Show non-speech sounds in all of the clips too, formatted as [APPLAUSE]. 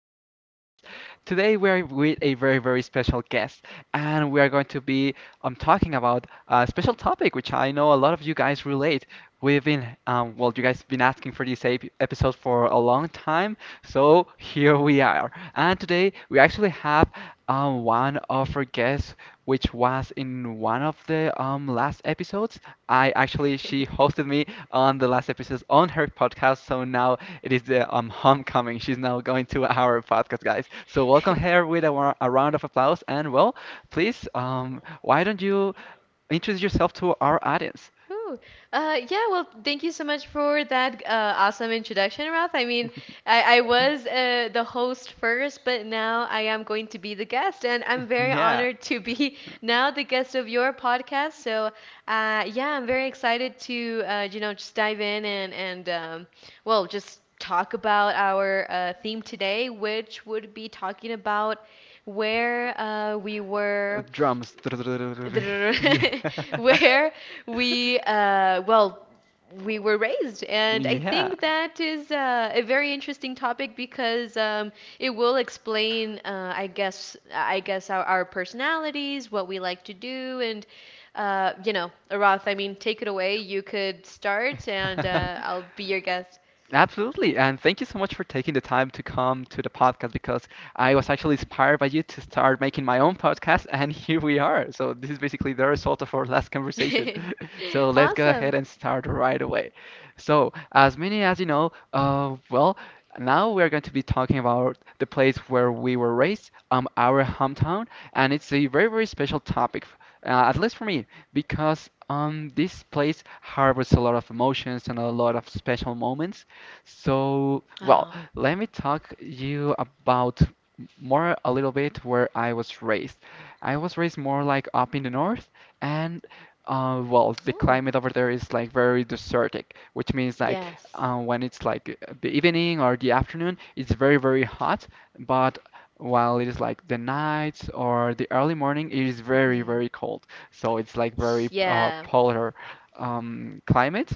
of the podcast. Today, we're with a very, very special guest, and we are going to be talking about a special topic which I know a lot of you guys relate. We've been, you guys have been asking for this episode for a long time, so here we are. And today, we actually have one of our guests, which was in one of the last episodes. I actually, she [LAUGHS] hosted me on the last episode on her podcast, so now it is the homecoming. She's now going to our podcast, guys. So welcome her with a round of applause. And well, please, why don't you introduce yourself to our audience? Whew. Yeah, well, thank you so much for that awesome introduction, Ralph. I mean, I was the host first, but now I am going to be the guest, and I'm very Yeah, honored to be [LAUGHS] now the guest of your podcast. So, yeah, I'm very excited to, just dive in and well, just talk about our theme today, which would be talking about where we were. drums. [LAUGHS] Yeah, [LAUGHS] Where we well, we were raised. And I yeah. think that is a very interesting topic, because it will explain I guess, our personalities, what we like to do. And Arath, I mean, take it away. You could start and [LAUGHS] I'll be your guest. Absolutely. And thank you so much for taking the time to come to the podcast because I was actually inspired by you to start making my own podcast. And [LAUGHS] here we are. So, this is basically the result of our last conversation. [LAUGHS] So, [LAUGHS] let's go Awesome. ahead and start right away. So, as many as you know, now we are going to be talking about the place where we were raised, our hometown. And it's a very, very special topic, at least for me, because this place harbors a lot of emotions and a lot of special moments. So, well, Oh. let me talk you about more a little bit where I was raised. I was raised more like up in the north, and the Oh. climate over there is like very desertic, which means like Yes. When it's like the evening or the afternoon, it's very very hot, but while it is like the night or the early morning, it is very Hmm. very cold. So it's like very Yeah. polar climate.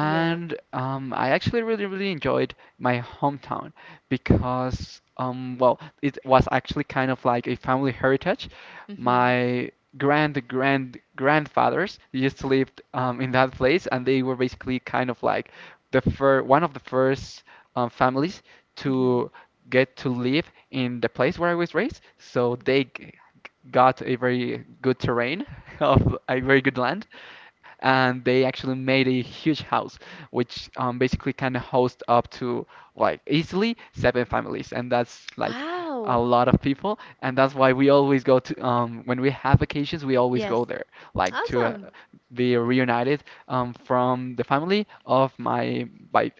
Yeah. I actually really, really enjoyed my hometown because, it was actually kind of like a family heritage. Hmm. My grandfathers used to live in that place, and they were basically kind of like the fir one of the first families Hmm. to get to live in the place where I was raised. So got a very good terrain [LAUGHS] of a very good land, and they actually made a huge house which basically can host up to like easily seven families. And that's like a Wow. lot of people, and that's why we always go to, when we have vacations we always go Yes. there like to Awesome. be reunited from the family of my by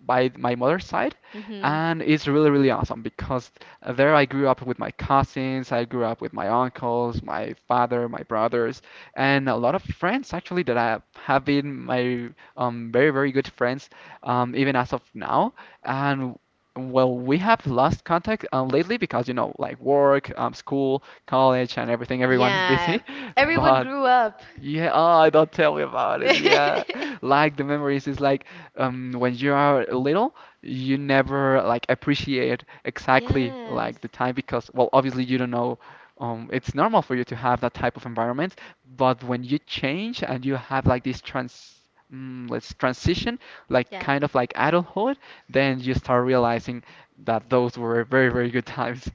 by my mother's side. Hmm. And it's really really awesome because there I grew up with my cousins, I grew up with my uncles, my father, my brothers, and a lot of friends actually that I have been my very, very good friends even as of now. And well, we have lost contact lately because, you know, like work, school, college, and everything, everyone is Yeah. busy. [LAUGHS] Everyone But grew up. yeah, oh, don't tell me about it. Yeah. [LAUGHS] Like the memories is like when you are little, you never like appreciate exactly Yes. like the time because well, obviously you don't know, it's normal for you to have that type of environment, but when you change and you have like this let's transition, like Yeah. kind of like adulthood, then you start realizing that those were very, very good times.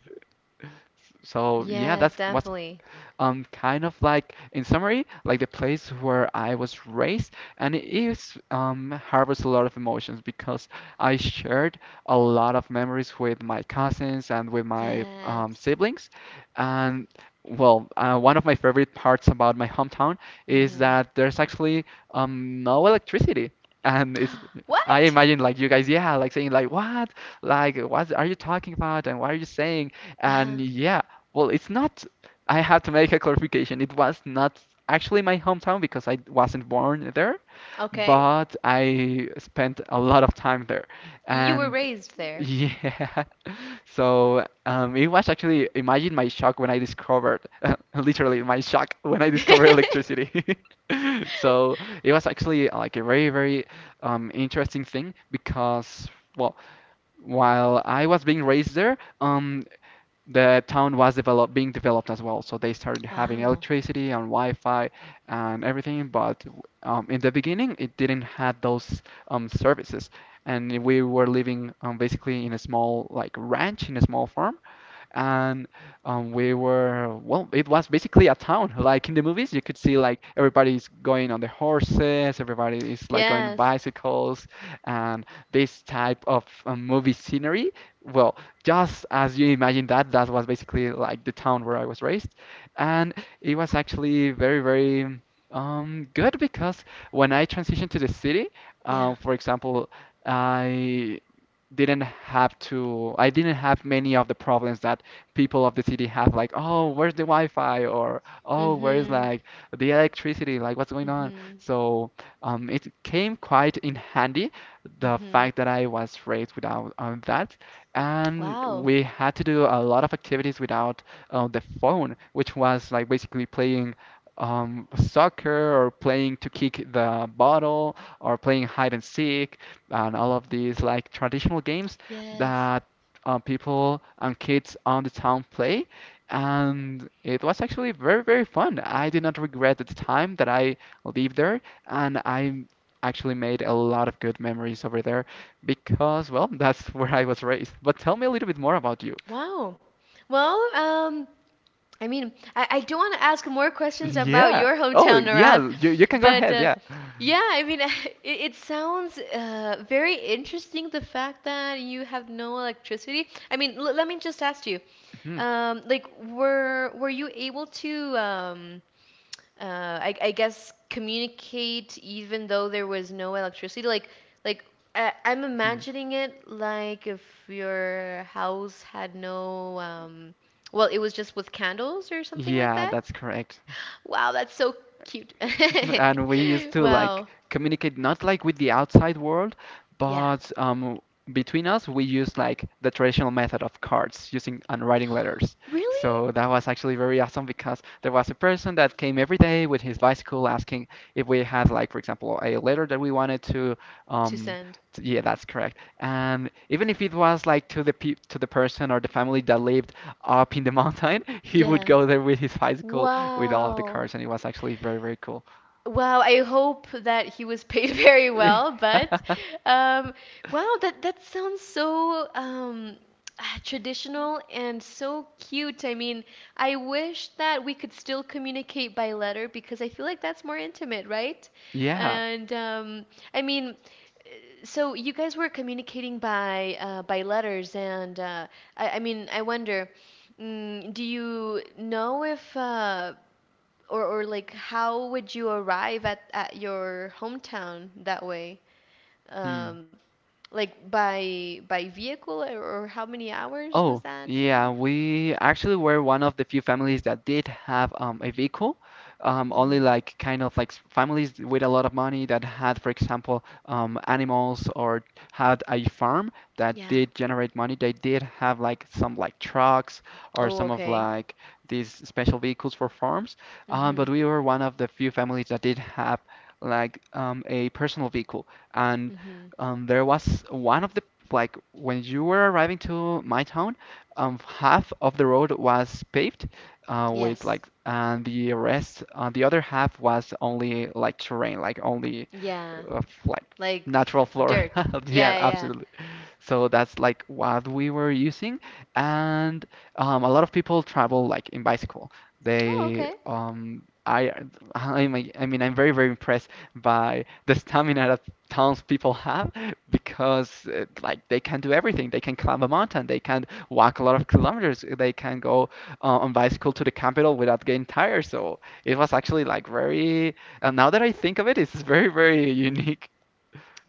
So yeah, Yes, that's what's definitely. Kind of like in summary, like the place where I was raised. And it is harbours a lot of emotions because I shared a lot of memories with my cousins and with my Yes. siblings. And well, one of my favorite parts about my hometown is Hmm. that there's actually no electricity. And it's, I What? imagine like you guys, yeah, like saying like what, like what are you talking about and what are you saying. Uh-huh. And yeah, well, it's not, I have to make a clarification. It was not actually my hometown because I wasn't born there, Okay. but I spent a lot of time there. You were And raised there. yeah, [LAUGHS] so it was actually, imagine my shock when I discovered, [LAUGHS] literally my shock when I discovered [LAUGHS] electricity. [LAUGHS] [LAUGHS] So it was actually like a very, very interesting thing because, well, while I was being raised there, the town was develop being developed as well, so they started having Wow. electricity and Wi-Fi and everything. But in the beginning, it didn't have those services, and we were living basically in a small like ranch, in a small farm. And we were, well, it was basically a town like in the movies. You could see like everybody's going on the horses, everybody is like going Yes. bicycles and this type of movie scenery. Well, just as you imagine that, that was basically like the town where I was raised. And it was actually very very good because when I transitioned to the city, Yeah. For example, I didn't have to I didn't have many of the problems that people of the city have, like, oh, where's the Wi-Fi? Or oh, where's Mm-hmm. like the electricity? Like what's going on? Mm-hmm. So it came quite in handy, the Mm-hmm. fact that I was raised without that. And Wow. we had to do a lot of activities without the phone, which was like basically playing soccer, or playing to kick the bottle, or playing hide and seek, and all of these like traditional games Yes. that people and kids on the town play, and it was actually very, very fun. I did not regret the time that I lived there, and I actually made a lot of good memories over there because, well, [LAUGHS] that's where I was raised. But tell me a little bit more about you. Wow. Well, I mean, I do want to ask more questions about Yeah. your Oh, hometown, yeah, Narath, you can go but ahead. Yeah. yeah, I mean, [LAUGHS] it sounds very interesting, the fact that you have no electricity. I mean, l let me just ask you, Mhm, like, were you able to um, I guess, communicate even though there was no electricity, like I, I'm mhm. imagining it like if your house had no well, it was just with candles or something like Yeah, that. that's correct. [GASPS] Wow, that's so cute. [LAUGHS] And we used [LAUGHS] to like Wow. communicate not like with the outside world, Yeah. but between us, we used like the traditional method of cards using and writing letters. Really. So that was actually very awesome because there was a person that came every day with his bicycle asking if we had like, for example, a letter that we wanted to, To um, send. Yeah, that's correct. And even if it was like to the pe to the person or the family that lived up in the mountain, [LAUGHS] he would Yeah. go there with his bicycle with all of the Wow. cards, and it was actually very, very cool. Well, I hope that he was paid [LAUGHS] very well. but [LAUGHS] um, wow, that that sounds so [SIGHS] ah, traditional and so cute. I mean, I wish that we could still communicate by letter, because I feel like that's more intimate, right? Yeah. And I mean, so you guys were communicating by letters, and I mean, I wonder, mm, do you know if or like how would you arrive at your hometown that way? Hmm. Um, like by vehicle, or how many hours was Oh, that? yeah, And we actually were one of the few families that did have a vehicle. Only hmm. like kind of like families with a lot of money that had, for example, animals or had a farm that Yeah. did generate money. They did have like some like trucks or Oh, some of okay. like these special vehicles for farms. But Mhm. we were one of the few families that did have like a personal vehicle. And Mhm. There was one of the, like, when you were arriving to my town, half of the road was paved, with Yes. like, and the rest, the other half was only like terrain, like only Yeah. Like Like natural floor. dirt. [LAUGHS] Yeah, Yeah, yeah, yeah. absolutely. So that's like what we were using, and a lot of people travel like in bicycle. Oh, They okay. I I'm, I mean I'm very very impressed by the stamina that townspeople have because like they can do everything. They can climb a mountain. They can walk a lot of kilometers. They can go on bicycle to the capital without getting tired. So it was actually like very. And now that I think of it, it's very very unique.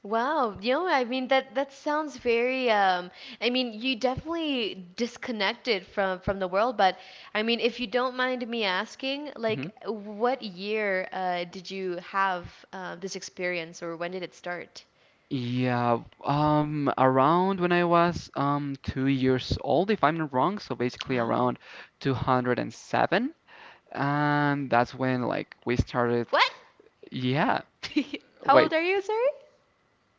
Wow, you know, I mean that that sounds very um, I mean you definitely disconnected from the world, but I mean, if you don't mind me asking, Mm-hmm. like, what year did you have this experience, or when did it start? Yeah, around when I was 2 years old, if I'm not wrong, so basically Wow. around 207, and that's when like we started. What? Yeah, [LAUGHS] How old wait, are you, sorry?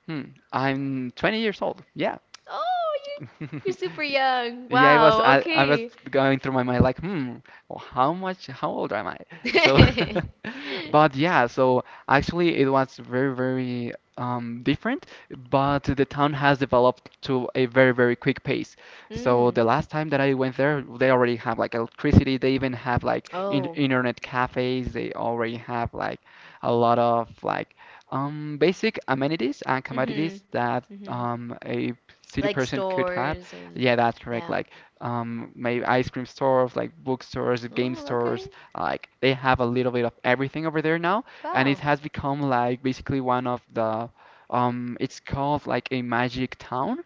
hmm, I'm 20 years old. Yeah. Oh, you you're [LAUGHS] super young. Yeah, Wow, I was okay. going through my mind like, hmm, how old am I? So, [LAUGHS] [LAUGHS] but yeah, so actually it was very, very different, but the town has developed to a very, very quick pace. So Mm. the last time that I went there, they already have like electricity, they even have like in Oh. internet cafes, they already have like a lot of like basic amenities and Mm-hmm. commodities that Mm-hmm. A city Like person could have. stores and Yeah, that's correct. yeah. Like, maybe ice cream stores, like bookstores, game Oh, stores, okay. like they have a little bit of everything over there now, and it Wow. has become like basically one of the, it's called like a magic town,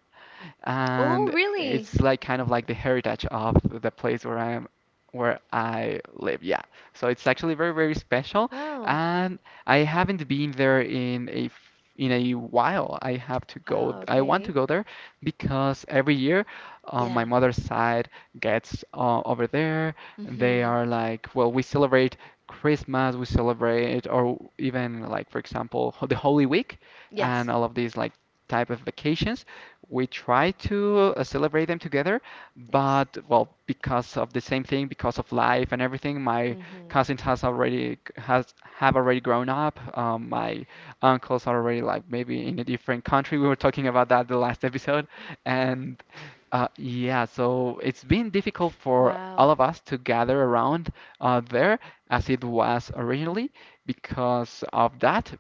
Oh, and really? it's like kind of like the heritage of the place where I am, where I live. Yeah, so it's actually very, very special, Wow. and I haven't been there in a while. I have to go. Wow, I want to okay. go there because every year, my Yeah. mother's side gets over there. They Mm-hmm. are like, well, we celebrate Christmas, we celebrate, or even like for example, the Holy Week, and Yes. all of these like type of vacations we try to celebrate them together, Yes. but well, because of the same thing, because of life and everything, my Mm-hmm. cousins has already has have already grown up. My uncles are already like maybe in a different country. We were talking about that the last [LAUGHS] episode, and yeah, so it's been difficult for Wow. all of us to gather around there as it was originally because of that.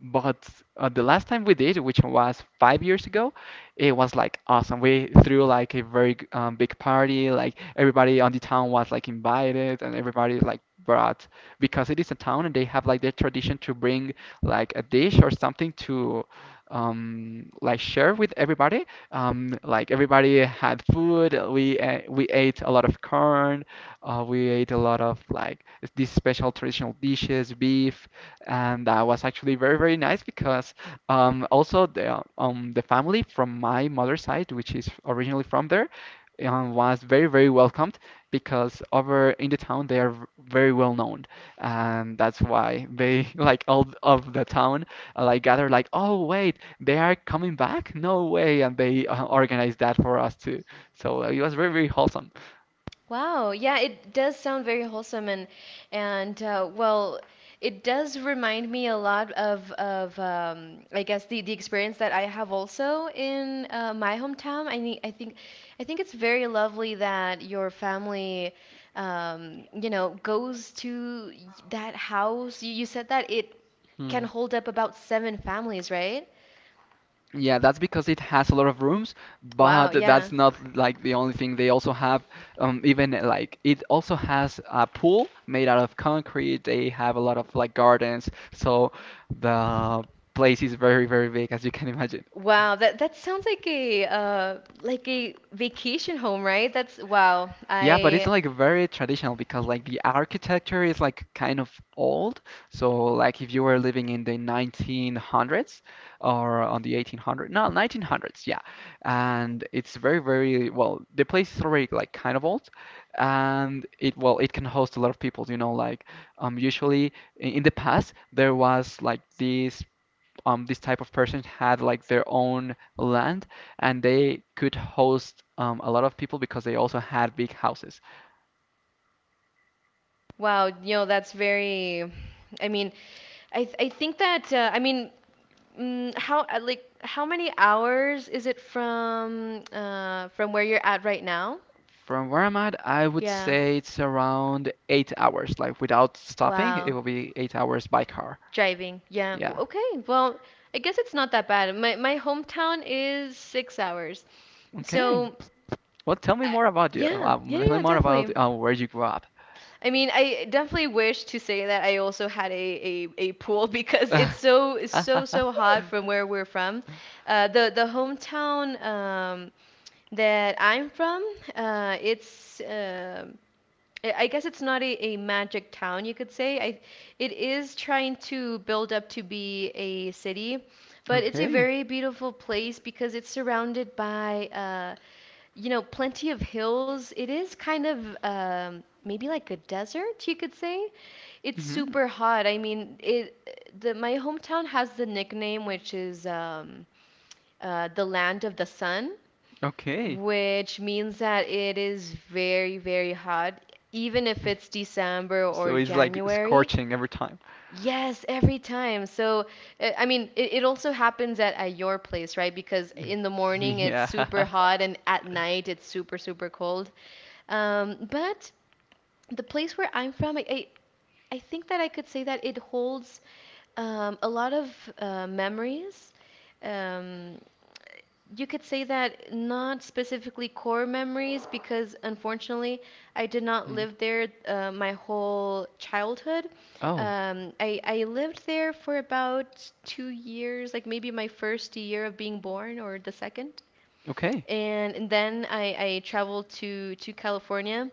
But the last time we did, which was 5 years ago, it was like awesome. We threw like a very big party. Like everybody on the town was like invited, and everybody like brought because it is a town and they have like their tradition to bring like a dish or something to like share with everybody like everybody had food we we ate a lot of corn we ate a lot of like these special traditional dishes beef and that was actually very very nice because also, the family from my mother's side, which is originally from there, was very, very welcomed because over in the town they are very well known, and that's why they [LAUGHS] like all of the town like gather like, oh wait, they are coming back? No way! And they organized that for us too. So it was very, very wholesome. Wow. Yeah, it does sound very wholesome. And well, it does remind me a lot of I guess the experience that I have also in my hometown. I think it's very lovely that your family you know, goes to that house. You said that it can hold up about seven families, right? Yeah, that's because it has a lot of rooms, but Wow. Yeah. that's not like the only thing. They also have, even like it also has a pool made out of concrete. They have a lot of like gardens, so the place is very, very big, as you can imagine. Wow, that that sounds like a vacation home, right? That's wow. Yeah, but it's I like very traditional because like the architecture is like kind of old. So like if you were living in the 1900s or on the 1800s, no, 1900s, yeah. And it's very, very well, the place is already like kind of old, and it well, it can host a lot of people. Like usually in the past there was like these this type of person had like their own land and they could host a lot of people because they also had big houses. wow, you know, that's very I mean, I think that I mean, mm, how like how many hours is it from where you're at right now? From where I'm at, I would Yeah. say it's around 8 hours, like without stopping, it Wow. will be 8 hours by car. Driving. Yeah. W- Yeah. Okay. Well, I guess it's not that bad. My hometown is 6 hours. Okay. So, Well, tell me uh, more about you. yeah. Yeah, Tell me yeah, more about definitely. Where you grew up. I mean, I definitely wish to say that I also had a pool [LAUGHS] because it's it's so [LAUGHS] hot from where we're from. The hometown that I'm from, it's um, I guess it's not a, a magic town, you could say. I it is trying to build up to be a city, but it's a Okay. very beautiful place because it's surrounded by you know, plenty of hills. It is kind of maybe like a desert, you could say. It's Hmm. super hot. I mean, it the my hometown has the nickname, which is the land of the sun, Okay. which means that it is very, very hot, even if it's [LAUGHS] December So or it's like January. scorching every time. Yes, every time. So, I mean, it also happens at your place, right? Because [LAUGHS] in the morning it's Yeah. super [LAUGHS] hot, and at night it's super, super cold. But the place where I'm from, I think that I could say that it holds a lot of memories. Um, you could say that not specifically core memories, because unfortunately I did not Mm. live there my whole childhood. Oh, I lived there for about 2 years, like maybe my first year of being born or the second. okay. And then I traveled to California,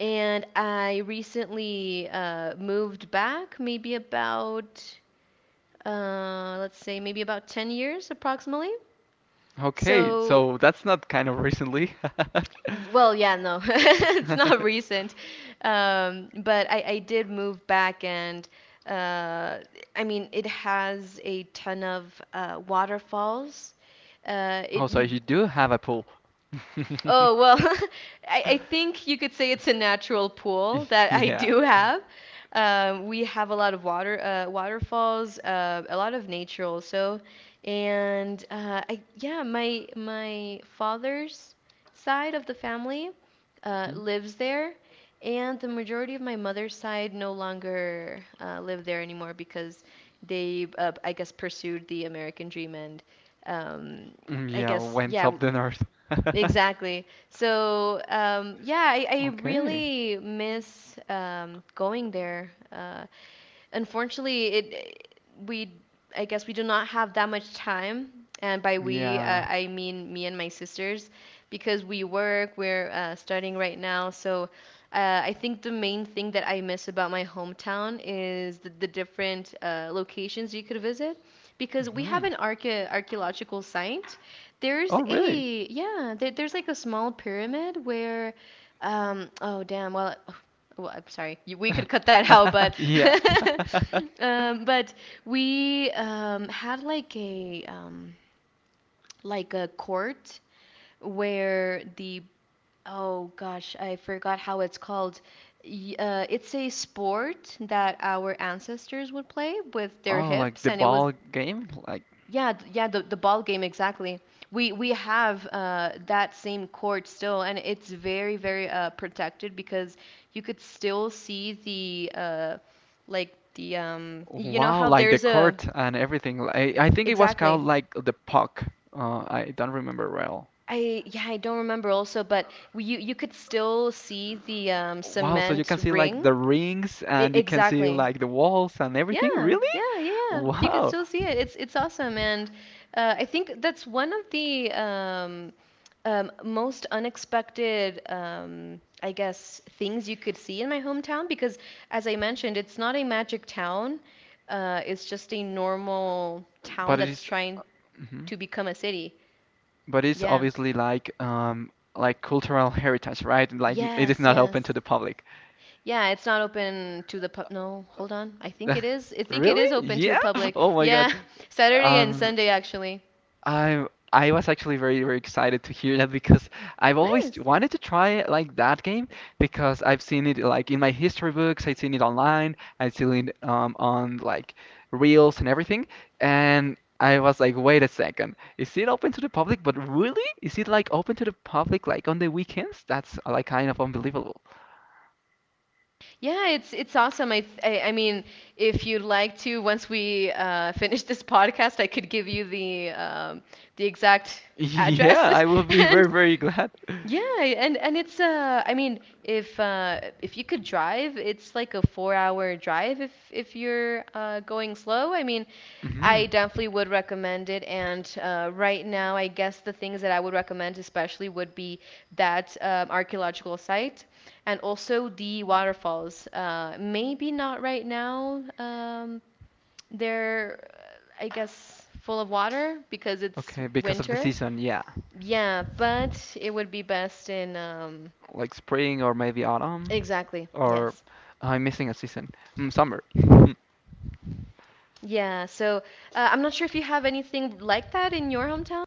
and I recently moved back, maybe about, let's say, maybe about 10 years approximately. Okay. So, So that's not kind of recently. [LAUGHS] [LAUGHS] well, yeah, no, [LAUGHS] it's not recent. But I did move back, and uh, I mean, it has a ton of waterfalls. Oh, It so you you do have a pool. Oh, well, [LAUGHS] I [LAUGHS] think you could say it's a natural pool [LAUGHS] that I Yeah. do have. We have a lot of water, waterfalls, a lot of nature also, and I yeah, my father's side of the family Mhm. lives there, and the majority of my mother's side no longer live there anymore, because they, I guess, pursued the American dream and um, I Yeah, guess went yeah. up the north. [LAUGHS] Exactly. So, yeah, I Okay. really miss going there. Unfortunately, it we I guess we do not have that much time, and by we Yeah. I mean me and my sisters, because we work, we're studying right now. So I think the main thing that I miss about my hometown is the different locations you could visit, because we have Hmm. an archaeological site. There's Oh, really? a yeah, there's like a small pyramid where. Oh damn, well, well, I'm sorry, you- we could cut that out, but [LAUGHS] Yeah. [LAUGHS] [LAUGHS] But we had like a court where the oh gosh, I forgot how it's called. It's a sport that our ancestors would play with their Oh, like hips, the and it was ball game? Like, yeah, yeah, the ball game, exactly. We have that same court still, and it's very very protected because you could still see the like the um, you know wow, how like the there's a court and everything. I think it was called exactly. like the puck. I don't remember well. I yeah, I don't remember also, but you you could still see the Wow, so you cement can see like ring. the rings I, and you can see exactly. like the walls and Yeah, everything? Really? [LAUGHS] Yeah, You could Wow. still see it. It's awesome, and I think that's one of the um, most unexpected, I guess, things you could see in my hometown because, as I mentioned, it's not a magic town. It's just a normal town But it that's is. trying Mm-hmm. to become a city. But it's Yeah. obviously like cultural [LAUGHS] heritage, right? Like it is Yes, not open to yes. the public. Yeah, it's not open to the pub. No, hold on. I think it is. I [LAUGHS] think it Really? is open to the Yeah? [LAUGHS] public. Oh my God. Yeah, [LAUGHS] Saturday and Um Sunday, actually. I I was actually very very excited to hear that because I've always Nice. wanted to try like that game because I've seen it like in my history books, I've seen it online, I've seen it on like reels and everything, and I was like, wait a second, is it open to the public? But really, is it like open to the public like on the weekends? That's like kind of unbelievable. Yeah, it's awesome. I mean, if you'd like to, once we finish this podcast, I could give you the exact [LAUGHS] Yeah, address, I will [LAUGHS] be and very very glad. [LAUGHS] yeah, and it's I mean, if you could drive, it's like a 4-hour drive if you're going slow. I mean, Hmm. I definitely would recommend it. And right now, I guess the things that I would recommend especially would be that archaeological site and also the waterfalls. Uh, maybe not right now. Um, they're I guess full of water because it's Okay, because of the winter, season, yeah. yeah, but it would be best in Like spring or maybe autumn, exactly. or Yes. I'm missing a season. Summer. [LAUGHS] Yeah, so I'm not sure if you have anything like that in your hometown.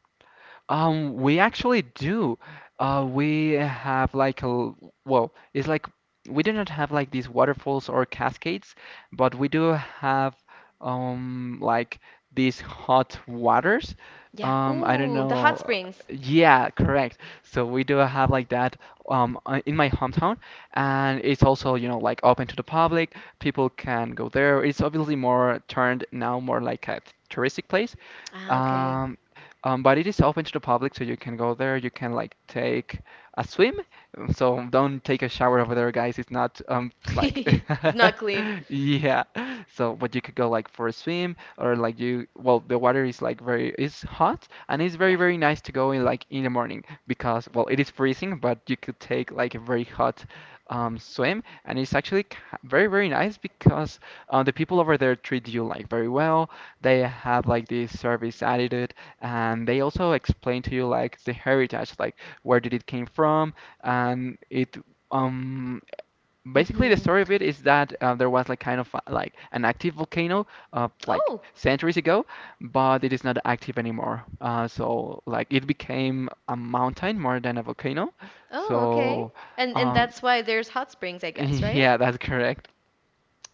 We actually do. We have like well, it's like we do not have like these waterfalls or cascades, but we do have like these hot waters. Yeah. I don't Ooh, the hot know. springs. Yeah, correct. So we do have like that in my hometown, and it's also like open to the public. People can go there. It's obviously more turned now more like a touristic place. Ah, okay. Um, but it is open to the public, so you can go there. You can like take a swim. So don't take a shower over there, guys. It's not [LAUGHS] like It's not clean. [LAUGHS] yeah. So but you could go like for a swim or like you well the water is like very is hot and it's very Yeah. very nice to go in like in the morning because well it is freezing but you could take like a very hot swim and it's actually very very nice because the people over there treat you like very well. They have like this service attitude and they also explain to you like the heritage, like where did it came from, and it um basically the Mhm. story of it is that there was like kind of like an active volcano like Oh. centuries ago, but it is not active anymore. So like it became a mountain more than a volcano. Oh, okay. So And um that's why there's hot springs, I [LAUGHS] guess, right? yeah, that's correct.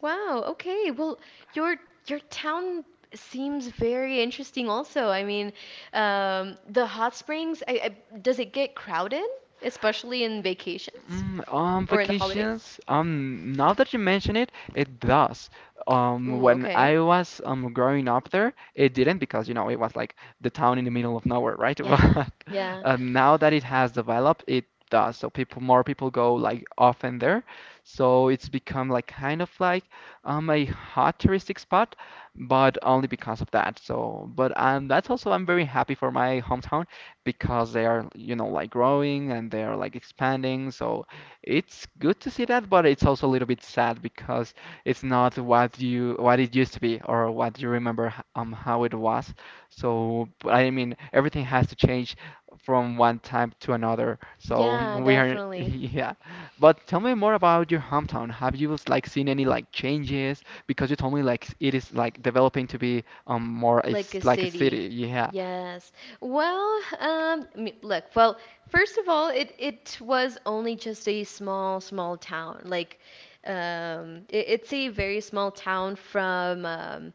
Wow, okay. Well, your your town seems very interesting also. I mean, the hot springs, does it get crowded, especially in vacations Mm, um, or in the holidays? vacations. Now that you mention it, it does. Ooh, When okay. I was growing up there, it didn't because it was like the town in the middle of nowhere, right? [LAUGHS] Yeah, But yeah. Now that it has developed, it does. So people, more people go like often there. So it's become like kind of like a hot touristic spot, but only because of that. So, but that's also I'm very happy for my hometown because they are, like growing and they are like expanding. So it's good to see that, but it's also a little bit sad because it's not what it used to be or what you remember how it was. So but I mean, everything has to change from one time to another. So Yeah, we are, [LAUGHS] definitely. yeah. But tell me more about your hometown. Have you like seen any like changes? Because you told me like it is like developing to be more Like a like a city. city. Yeah. Yes. Well, look, well, first of all, it was only just a small, small town. Like, it, it's a very small town from,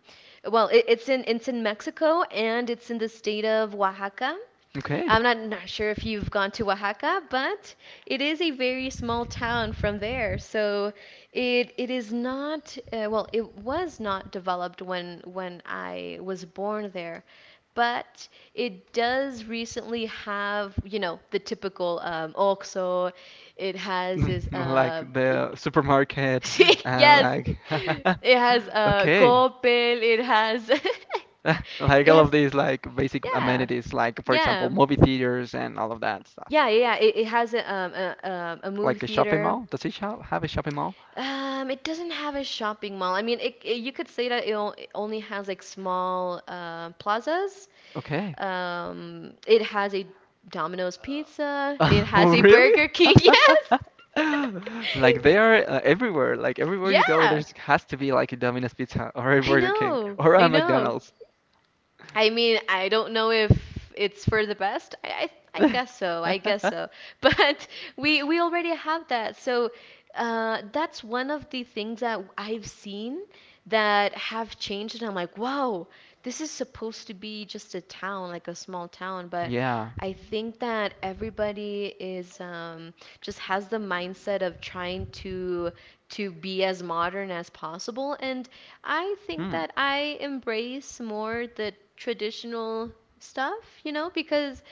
well, it, it's in Mexico, and it's in the state of Oaxaca. Okay. I'm not, not sure if you've gone to Oaxaca, but it is a very small town from there. So it is not well, it was not developed when I was born there, but it does recently have, you know, the typical OXXO. It has this [LAUGHS] Like it, the supermarket [LAUGHS] and Yes. like It has [LAUGHS] okay. Coppel, it has [LAUGHS] [LAUGHS] Like it all of has these like basic yeah. amenities like for example Yeah. movie theaters and all of that stuff. Yeah, yeah, yeah, it has a movie Like a shopping theater. mall? Does it shop have a shopping mall? It doesn't have a shopping mall. I mean, you could say that it only has like small plazas. Okay. [LAUGHS] It has a Domino's Pizza. It has a Really? Burger King. [LAUGHS] Yes. [LAUGHS] Like they are [LAUGHS] everywhere. Like everywhere you go, Yeah, there's has to be like a Domino's Pizza [LAUGHS] or a I Burger King know. or a I know. McDonald's. [LAUGHS] I mean, I don't know if it's for the best. I guess so. I guess so. [LAUGHS] But we already have that. So that's one of the things that I've seen that have changed, and I'm like, wow, this is supposed to be just a town, like a small town, but Yeah. I think that everybody is just has the mindset of trying to be as modern as possible. And I think Hmm. that I embrace more the traditional stuff, you know, because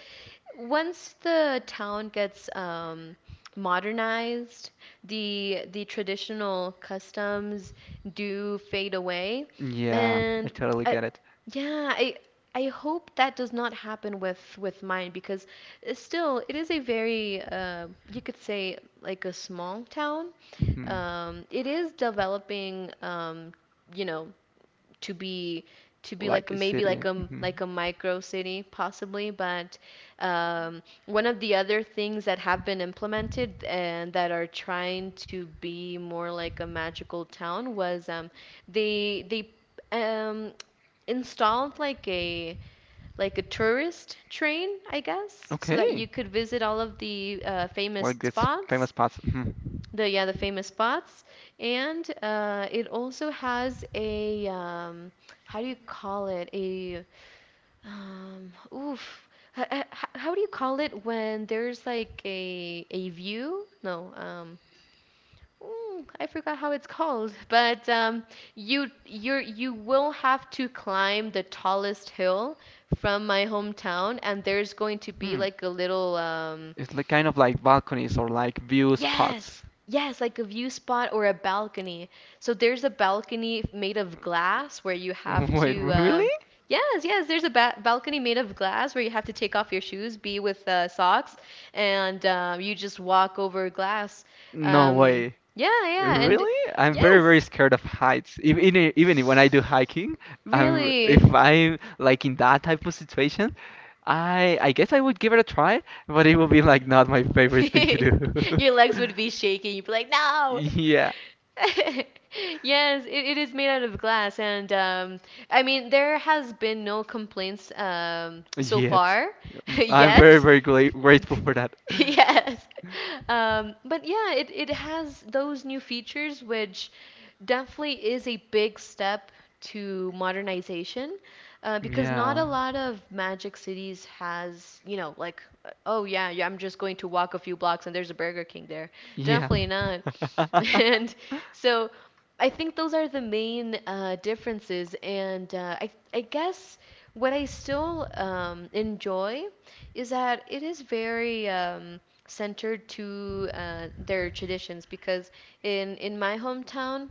once the town gets modernized, the traditional customs do fade away, Yeah, I and totally I, get it. yeah, I hope that does not happen with mine because still it is a very you could say like a small town, Mhm. It is developing, you know, to be to be like Like a maybe like city. a Hmm. Micro city possibly, but one of the other things that have been implemented and that are trying to be more like a magical town was they um, installed like a tourist train, I guess, so that you Okay. could visit all of the famous Like this spots famous spots. Hmm. the yeah the famous spots and it also has a how do you call it a oof h- h- h- how do you call it when there's like a view no I forgot how it's called, [LAUGHS] but you will have to climb the tallest hill from my hometown, and there's going to be Hmm. like a little It's like kind of like balconies or like view Yes, spots. yes, like a view spot or a balcony. So there's a balcony made of glass where you [LAUGHS] have Wait, to, really? Yes, yes, there's a ba balcony made of glass where you have to take off your shoes, be with socks, and you just walk over glass. No Um, way. yeah, yeah, and Really? I'm very, very yes, scared of heights. Even when I do hiking, I'm if really. I'm like in that type of situation, I guess I would give it a try, but it will be like not my [LAUGHS] favorite thing to do. Your [LAUGHS] legs would be shaking. You'd be like, no. Yeah, [LAUGHS] Yes, it is made out of glass, and I mean there has been no complaints so yet. far [LAUGHS] I'm very, yet. very gla grateful [LAUGHS] for that. Yes, but yeah, it has those new features, which definitely is a big step to modernization because not a Yeah. lot of Magic Cities has, you know, like, oh yeah, yeah, I'm just going to walk a few blocks and there's a Burger King there. Yeah. Definitely not. [LAUGHS] [LAUGHS] And so I think those are the main differences. And I guess what I still enjoy is that it is very centered to their traditions because in my hometown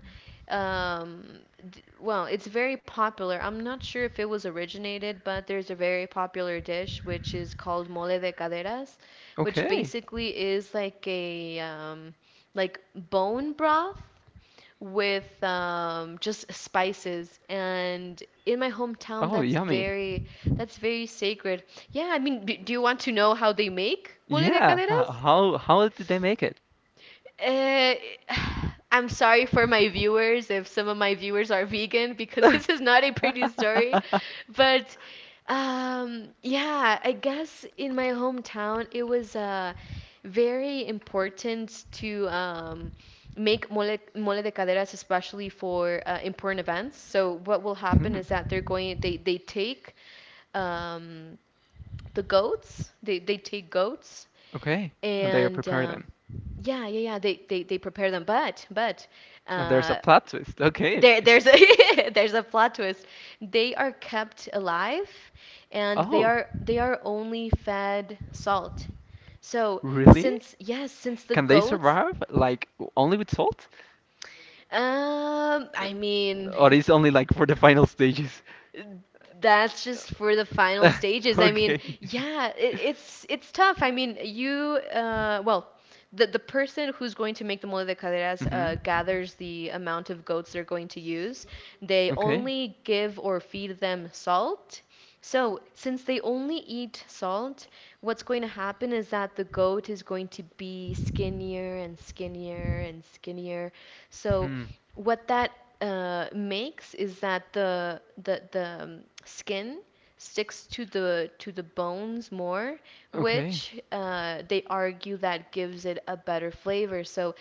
um well it's very popular. I'm not sure if it was originated, but there's a very popular dish which is called mole de caderas, which Okay. basically is like a like bone broth with just spices, and in my hometown Oh, yummy. That's very sacred. Yeah, I mean, do you want to know how they make mole de Yeah. Ho- caderas? How how did they make it? uh, [SIGHS] I'm sorry for my viewers if some of my viewers are vegan, because [LAUGHS] this is not a pretty story. [LAUGHS] But yeah, I guess in my hometown it was very important to make mole, mole de caderas, especially for important events. So what will happen Hmm. is that they take um, the goats, they take goats, Okay. And they and prepare them. yeah, yeah, yeah. They prepare them, but And there's a uh, plot twist. Okay. there there's a [LAUGHS] there's a plot twist. They are kept alive, and Oh, they are only fed salt. So really? since yes, since the Can they goats, survive like only with salt? Uh, I mean, Or is only like for the final stages? that's just for the final [LAUGHS] stages. I mean, Okay. yeah, it's tough. I mean, the person who's going to make the mole de caderas Mm-hmm. gathers the amount of goats they're going to use. They Okay. only give or feed them salt. So, since they only eat salt, what's going to happen is that the goat is going to be skinnier and skinnier and skinnier. So, Hmm. what that makes is that the skin sticks to the bones more, Okay. which they argue that gives it a better flavor. So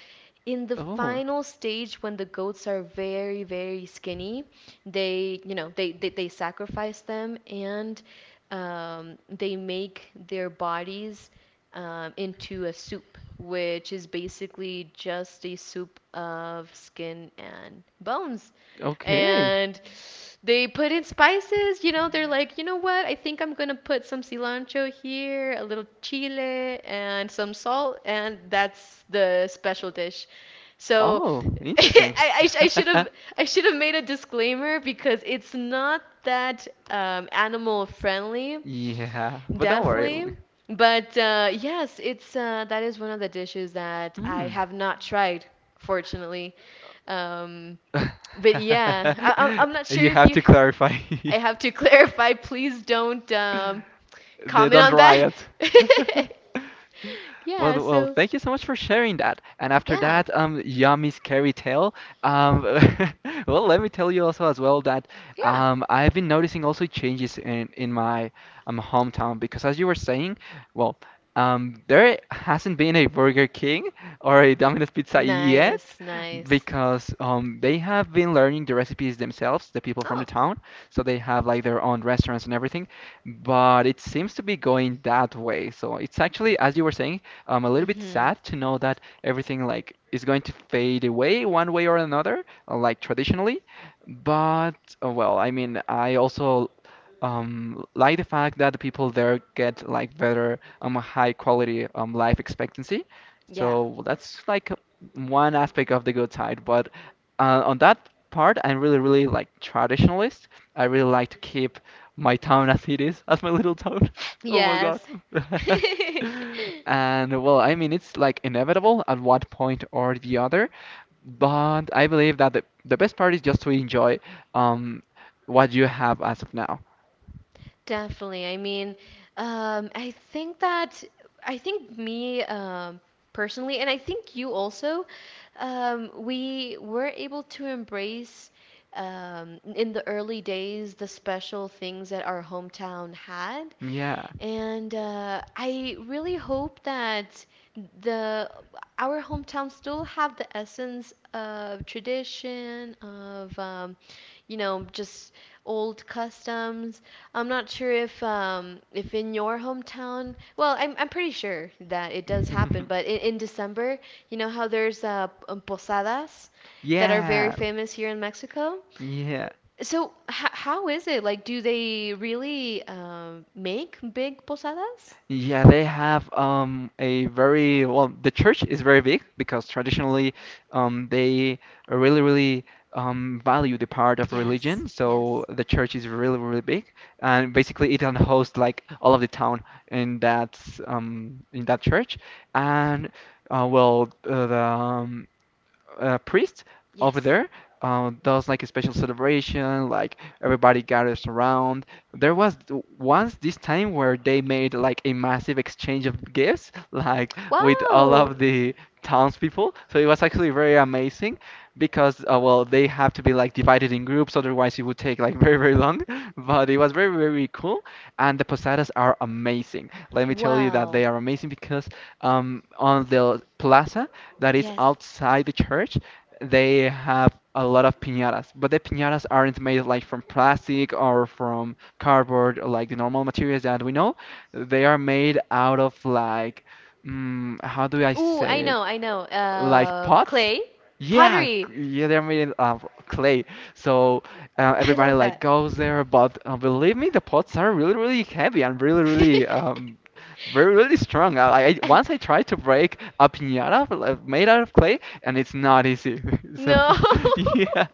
in the Oh, final stage when the goats are very very skinny, they you know they sacrifice them, and they make their bodies into a soup, which is basically just a soup of skin and bones. okay. And they put in spices, you know, they're like, you know what, I think I'm gonna put some cilantro here, a little chile, and some salt, and that's the special dish. So Oh, [LAUGHS] interesting. I, I, sh- [LAUGHS] I should have I should have made a disclaimer because it's not that animal friendly, Yeah, but don't worry. definitely. But yes, it's that is one of the dishes that I Mm. have not tried, fortunately. Um, but yeah, I'm not [LAUGHS] sure You if have you. to clarify. [LAUGHS] I have to [LAUGHS] clarify. Please don't [LAUGHS] They comment don't on that. riot. [LAUGHS] [LAUGHS] Well, Yeah. well, So thank you so much for sharing that. And after yeah, that, yummy scary tale. Um, [LAUGHS] well, let me tell you also as well that yeah. I've been noticing also changes in my hometown because as you were saying, well, there hasn't been a Burger King or a Domino's Pizza yet Nice, nice. because they have been learning the recipes themselves, the people from the Oh. town, so they have like their own restaurants and everything but it seems to be going that way. So it's actually, as you were saying, a little bit Mhm. sad to know that everything like is going to fade away one way or another like traditionally. But well, I mean, I also like the fact that the people there get like better high quality life expectancy. Yeah. So well, that's like one aspect of the good side. But on that part, I'm really, really like traditionalist. I really like to keep my town as it is, as my little town. [LAUGHS] Oh my Yes. God. [LAUGHS] [LAUGHS] And well, I mean, it's like inevitable at one point or the other. But I believe that the best part is just to enjoy um what you have as of now. Definitely. I mean, I think that I think me personally, and I think you also, we were able to embrace in the early days the special things that our hometown had, Yeah. and I really hope that the our hometown still have the essence of tradition of you know just old customs. I'm not sure if in your hometown, well, I'm pretty sure that it does happen, but [LAUGHS] in December, you know how there's posadas that are very Yeah. famous here in Mexico. Yeah. So, how is it? Like, do they really make big posadas? Yeah, they have a very well, the church is very big because traditionally they really, really value the part of Yes, religion. So yes, the church is really, really big, and basically it can host like all of the town in that church. And uh, well, uh, the, um, priest over yes. there does like a special celebration, like everybody gathers around. There was once this time where they made like a massive exchange of gifts, like with all Wow, of the townspeople. So it was actually very amazing because, well, they have to be like divided in groups, otherwise it would take like [LAUGHS] very, very long. [LAUGHS] But it was very, very cool. And the posadas are amazing. Let me tell you that wow, they are amazing because, on the plaza that is yes. outside the church, they have a lot of piñatas, but the piñatas aren't made like from plastic or from cardboard or like the normal materials that we know. They are made out of like, how do I Ooh, say I it? know, I know. Like pots? Clay, Yeah, pottery. Yeah, they're made of clay. So I everybody love like that. goes there, but believe me, the pots are really, really heavy and really, really [LAUGHS] very really strong. I once I tried to break a piñata like, made out of clay, and it's not easy. [LAUGHS] So No. [LAUGHS] [LAUGHS] yeah,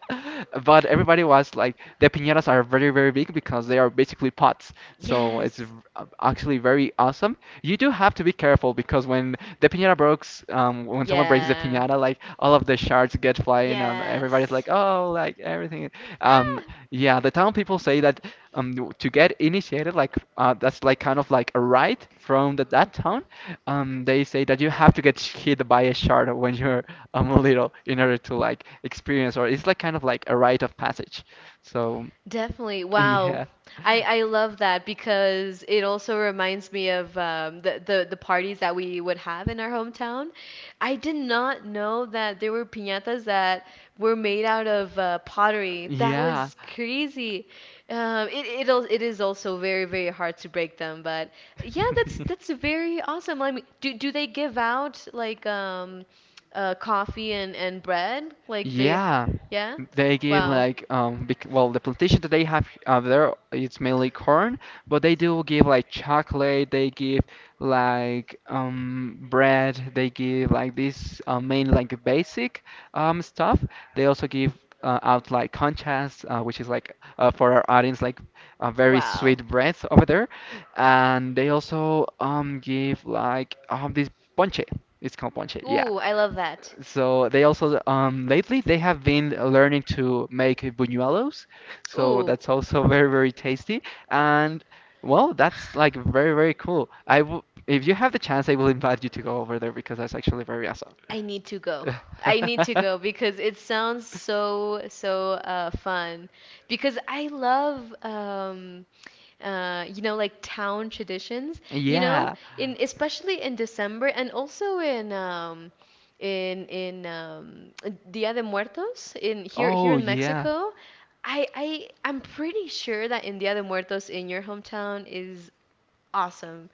but everybody was like the piñatas are very, very big because they are basically pots. So it's v- Yes. uh, actually very awesome. You do have to be careful because when the piñata breaks, when someone breaks the piñata Yeah. Piñata, like all of the shards get flying, and everybody's Yes. like, oh, like everything. Um, Ah. yeah, the town people say that to get initiated, like that's like kind of like a rite from that town. They say that you have to get hit by a shard when you're little in order to like experience, or it's like kind of like a rite of passage. So Definitely. Wow. yeah, I love that because it also reminds me of the parties that we would have in our hometown. I did not know that there were piñatas that were made out of pottery. That yeah. was crazy. It is also very, very hard to break them, but yeah, that's [LAUGHS] very awesome. I mean, do they give out like coffee and bread? Like the, Yeah, yeah? they give Wow. like bec well, the plantation that they have there, it's mainly corn, but they do give like chocolate, they give like bread, they give like this main like basic stuff. They also give out like conchas, which is like for our audience like a very Wow. sweet bread over there, and they also give like this ponche. It's called ponche, yeah. Ooh, I love that. So they also, lately they have been learning to make buñuelos, so Ooh, that's also [LAUGHS] very, very tasty, and well, that's like [SIGHS] very, very cool. I w If you have the chance, I will invite you to go over there because that's actually very awesome. I need to go. I need to [LAUGHS] go because it sounds so so fun. Because I love you know like town traditions. You know, Yeah. in especially in December, and also in in Dia de Muertos in here, here Oh in yeah. Mexico. I'm pretty sure that in Dia de Muertos in your hometown is awesome,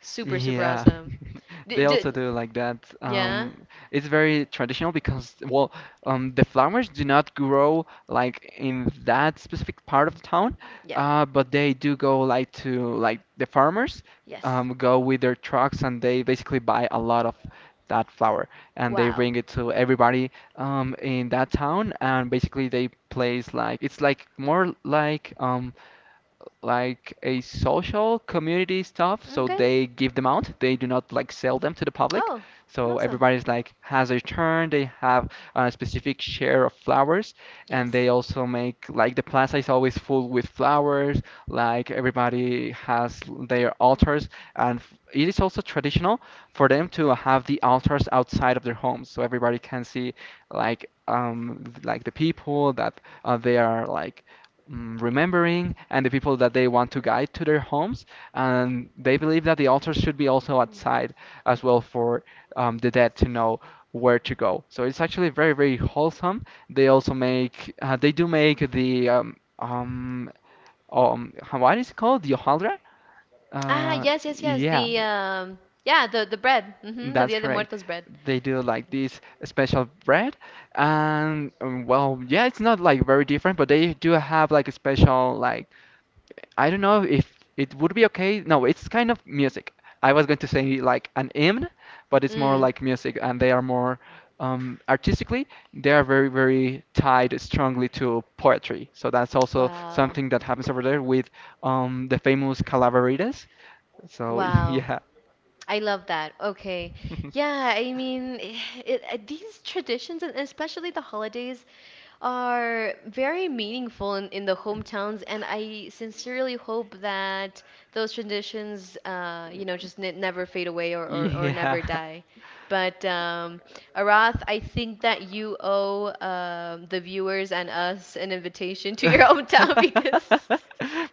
super super Yeah, awesome. [LAUGHS] they Did also do like that. yeah It's very traditional because, well, the flowers do not grow like in that specific part of the town, yeah but they do go like to like the farmers yes go with their trucks and they basically buy a lot of that flower, and they wow bring it to everybody in that town, and basically they place like it's like more like a social community stuff, so okay they give them out. They do not like sell them to the public. oh So awesome everybody's like has a turn. They have a specific share of flowers, and yes they also make like the plaza is always full with flowers. Like everybody has their altars, and it is also traditional for them to have the altars outside of their homes, so everybody can see like the people that they are like remembering, and the people that they want to guide to their homes. And they believe that the altars should be also outside as well for, the dead to know where to go. So it's actually very, very wholesome. They also make, they do make the, what is it called? The hojaldra? ah Uh, yes yes yes yeah. the yeah the bread mm-hmm the That's Dia de correct. Muertos bread They do like this special bread, and well, yeah, it's not like very different, but they do have like a special like, I don't know if it would be okay. No, it's kind of music. I was going to say like an hymn, but it's more mm like music, and they are more artistically. They are very, very tied strongly to poetry. So that's also wow something that happens over there with, the famous calaveritas. So [LAUGHS] wow yeah. I love that okay [LAUGHS] yeah I mean [SIGHS] these traditions, and especially the holidays, are very meaningful in the hometowns, and I sincerely hope that those traditions, you know, just never fade away or Yeah. never die. But Arath, I think that you owe the viewers and us an invitation to your hometown [LAUGHS] [LAUGHS] because,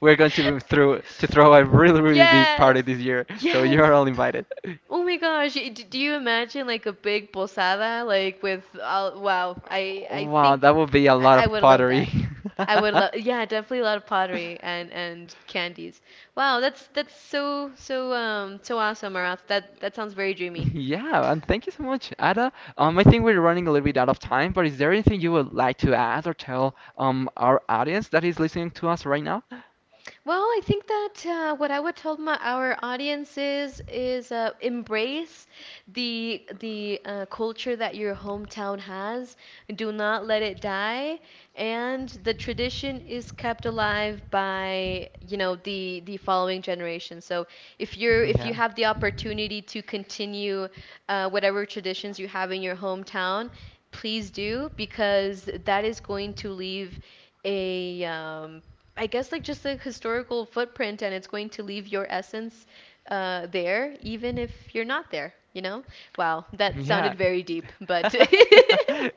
We're going to be through to throw a really, [LAUGHS] really big yes, party this year, so yes. you're all invited. Oh my gosh, do you imagine like a big posada like with all, wow, I Wow, that think would be a lot I of would love pottery. that. I would [LAUGHS] love, yeah, definitely a lot of pottery and candies. Wow, that's so so so awesome, Arath. That sounds very dreamy. Yeah, and thank you so much, Ada. I think we're running a little bit out of time, but is there anything you would like to add or tell our audience that is listening to us right now? Well, I think that what I would tell my our audience is embrace the culture that your hometown has. Do not let it die, and the tradition is kept alive by you know the following generation. So [LAUGHS] if you Yeah. have the opportunity to continue whatever traditions you have in your hometown, please do, because that is going to leave a I guess like just a historical footprint, and it's going to leave your essence there even if you're not there, you know? Wow, that Yeah. sounded very deep, [LAUGHS] but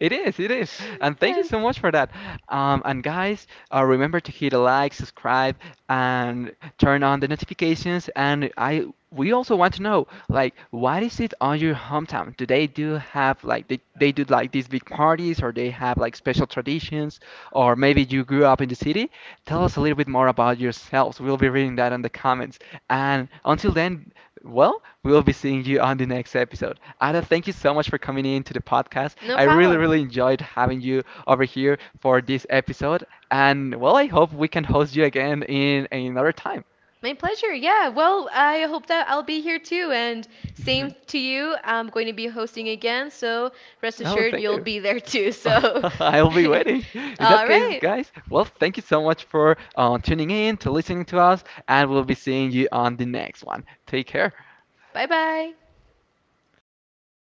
It is, it is. [LAUGHS] And thank you yes, so much for that. And guys, remember to hit a like, subscribe, and turn on the notifications. We also want to know, like, what is it on your hometown? Do they do have like they do like these big parties, or they have like special traditions? Or maybe you grew up in the city, tell us a little bit more about yourselves. We'll be reading that in the comments. And until then, well, we'll be seeing you on the next episode. Ada, thank you so much for coming in to the podcast. no I really, problem. really enjoyed having you over here for this episode. And well, I hope we can host you again in another time. My pleasure. Yeah. Well, I hope that I'll be here too. And same to [LAUGHS] you. I'm going to be hosting again. So rest Oh, assured thank you'll you. be there too. [LAUGHS] So, I'll be waiting. [LAUGHS] In that all case, right. guys, well, thank you so much for tuning in, to listening to us, and we'll be seeing you on the next one. Take care. Bye bye.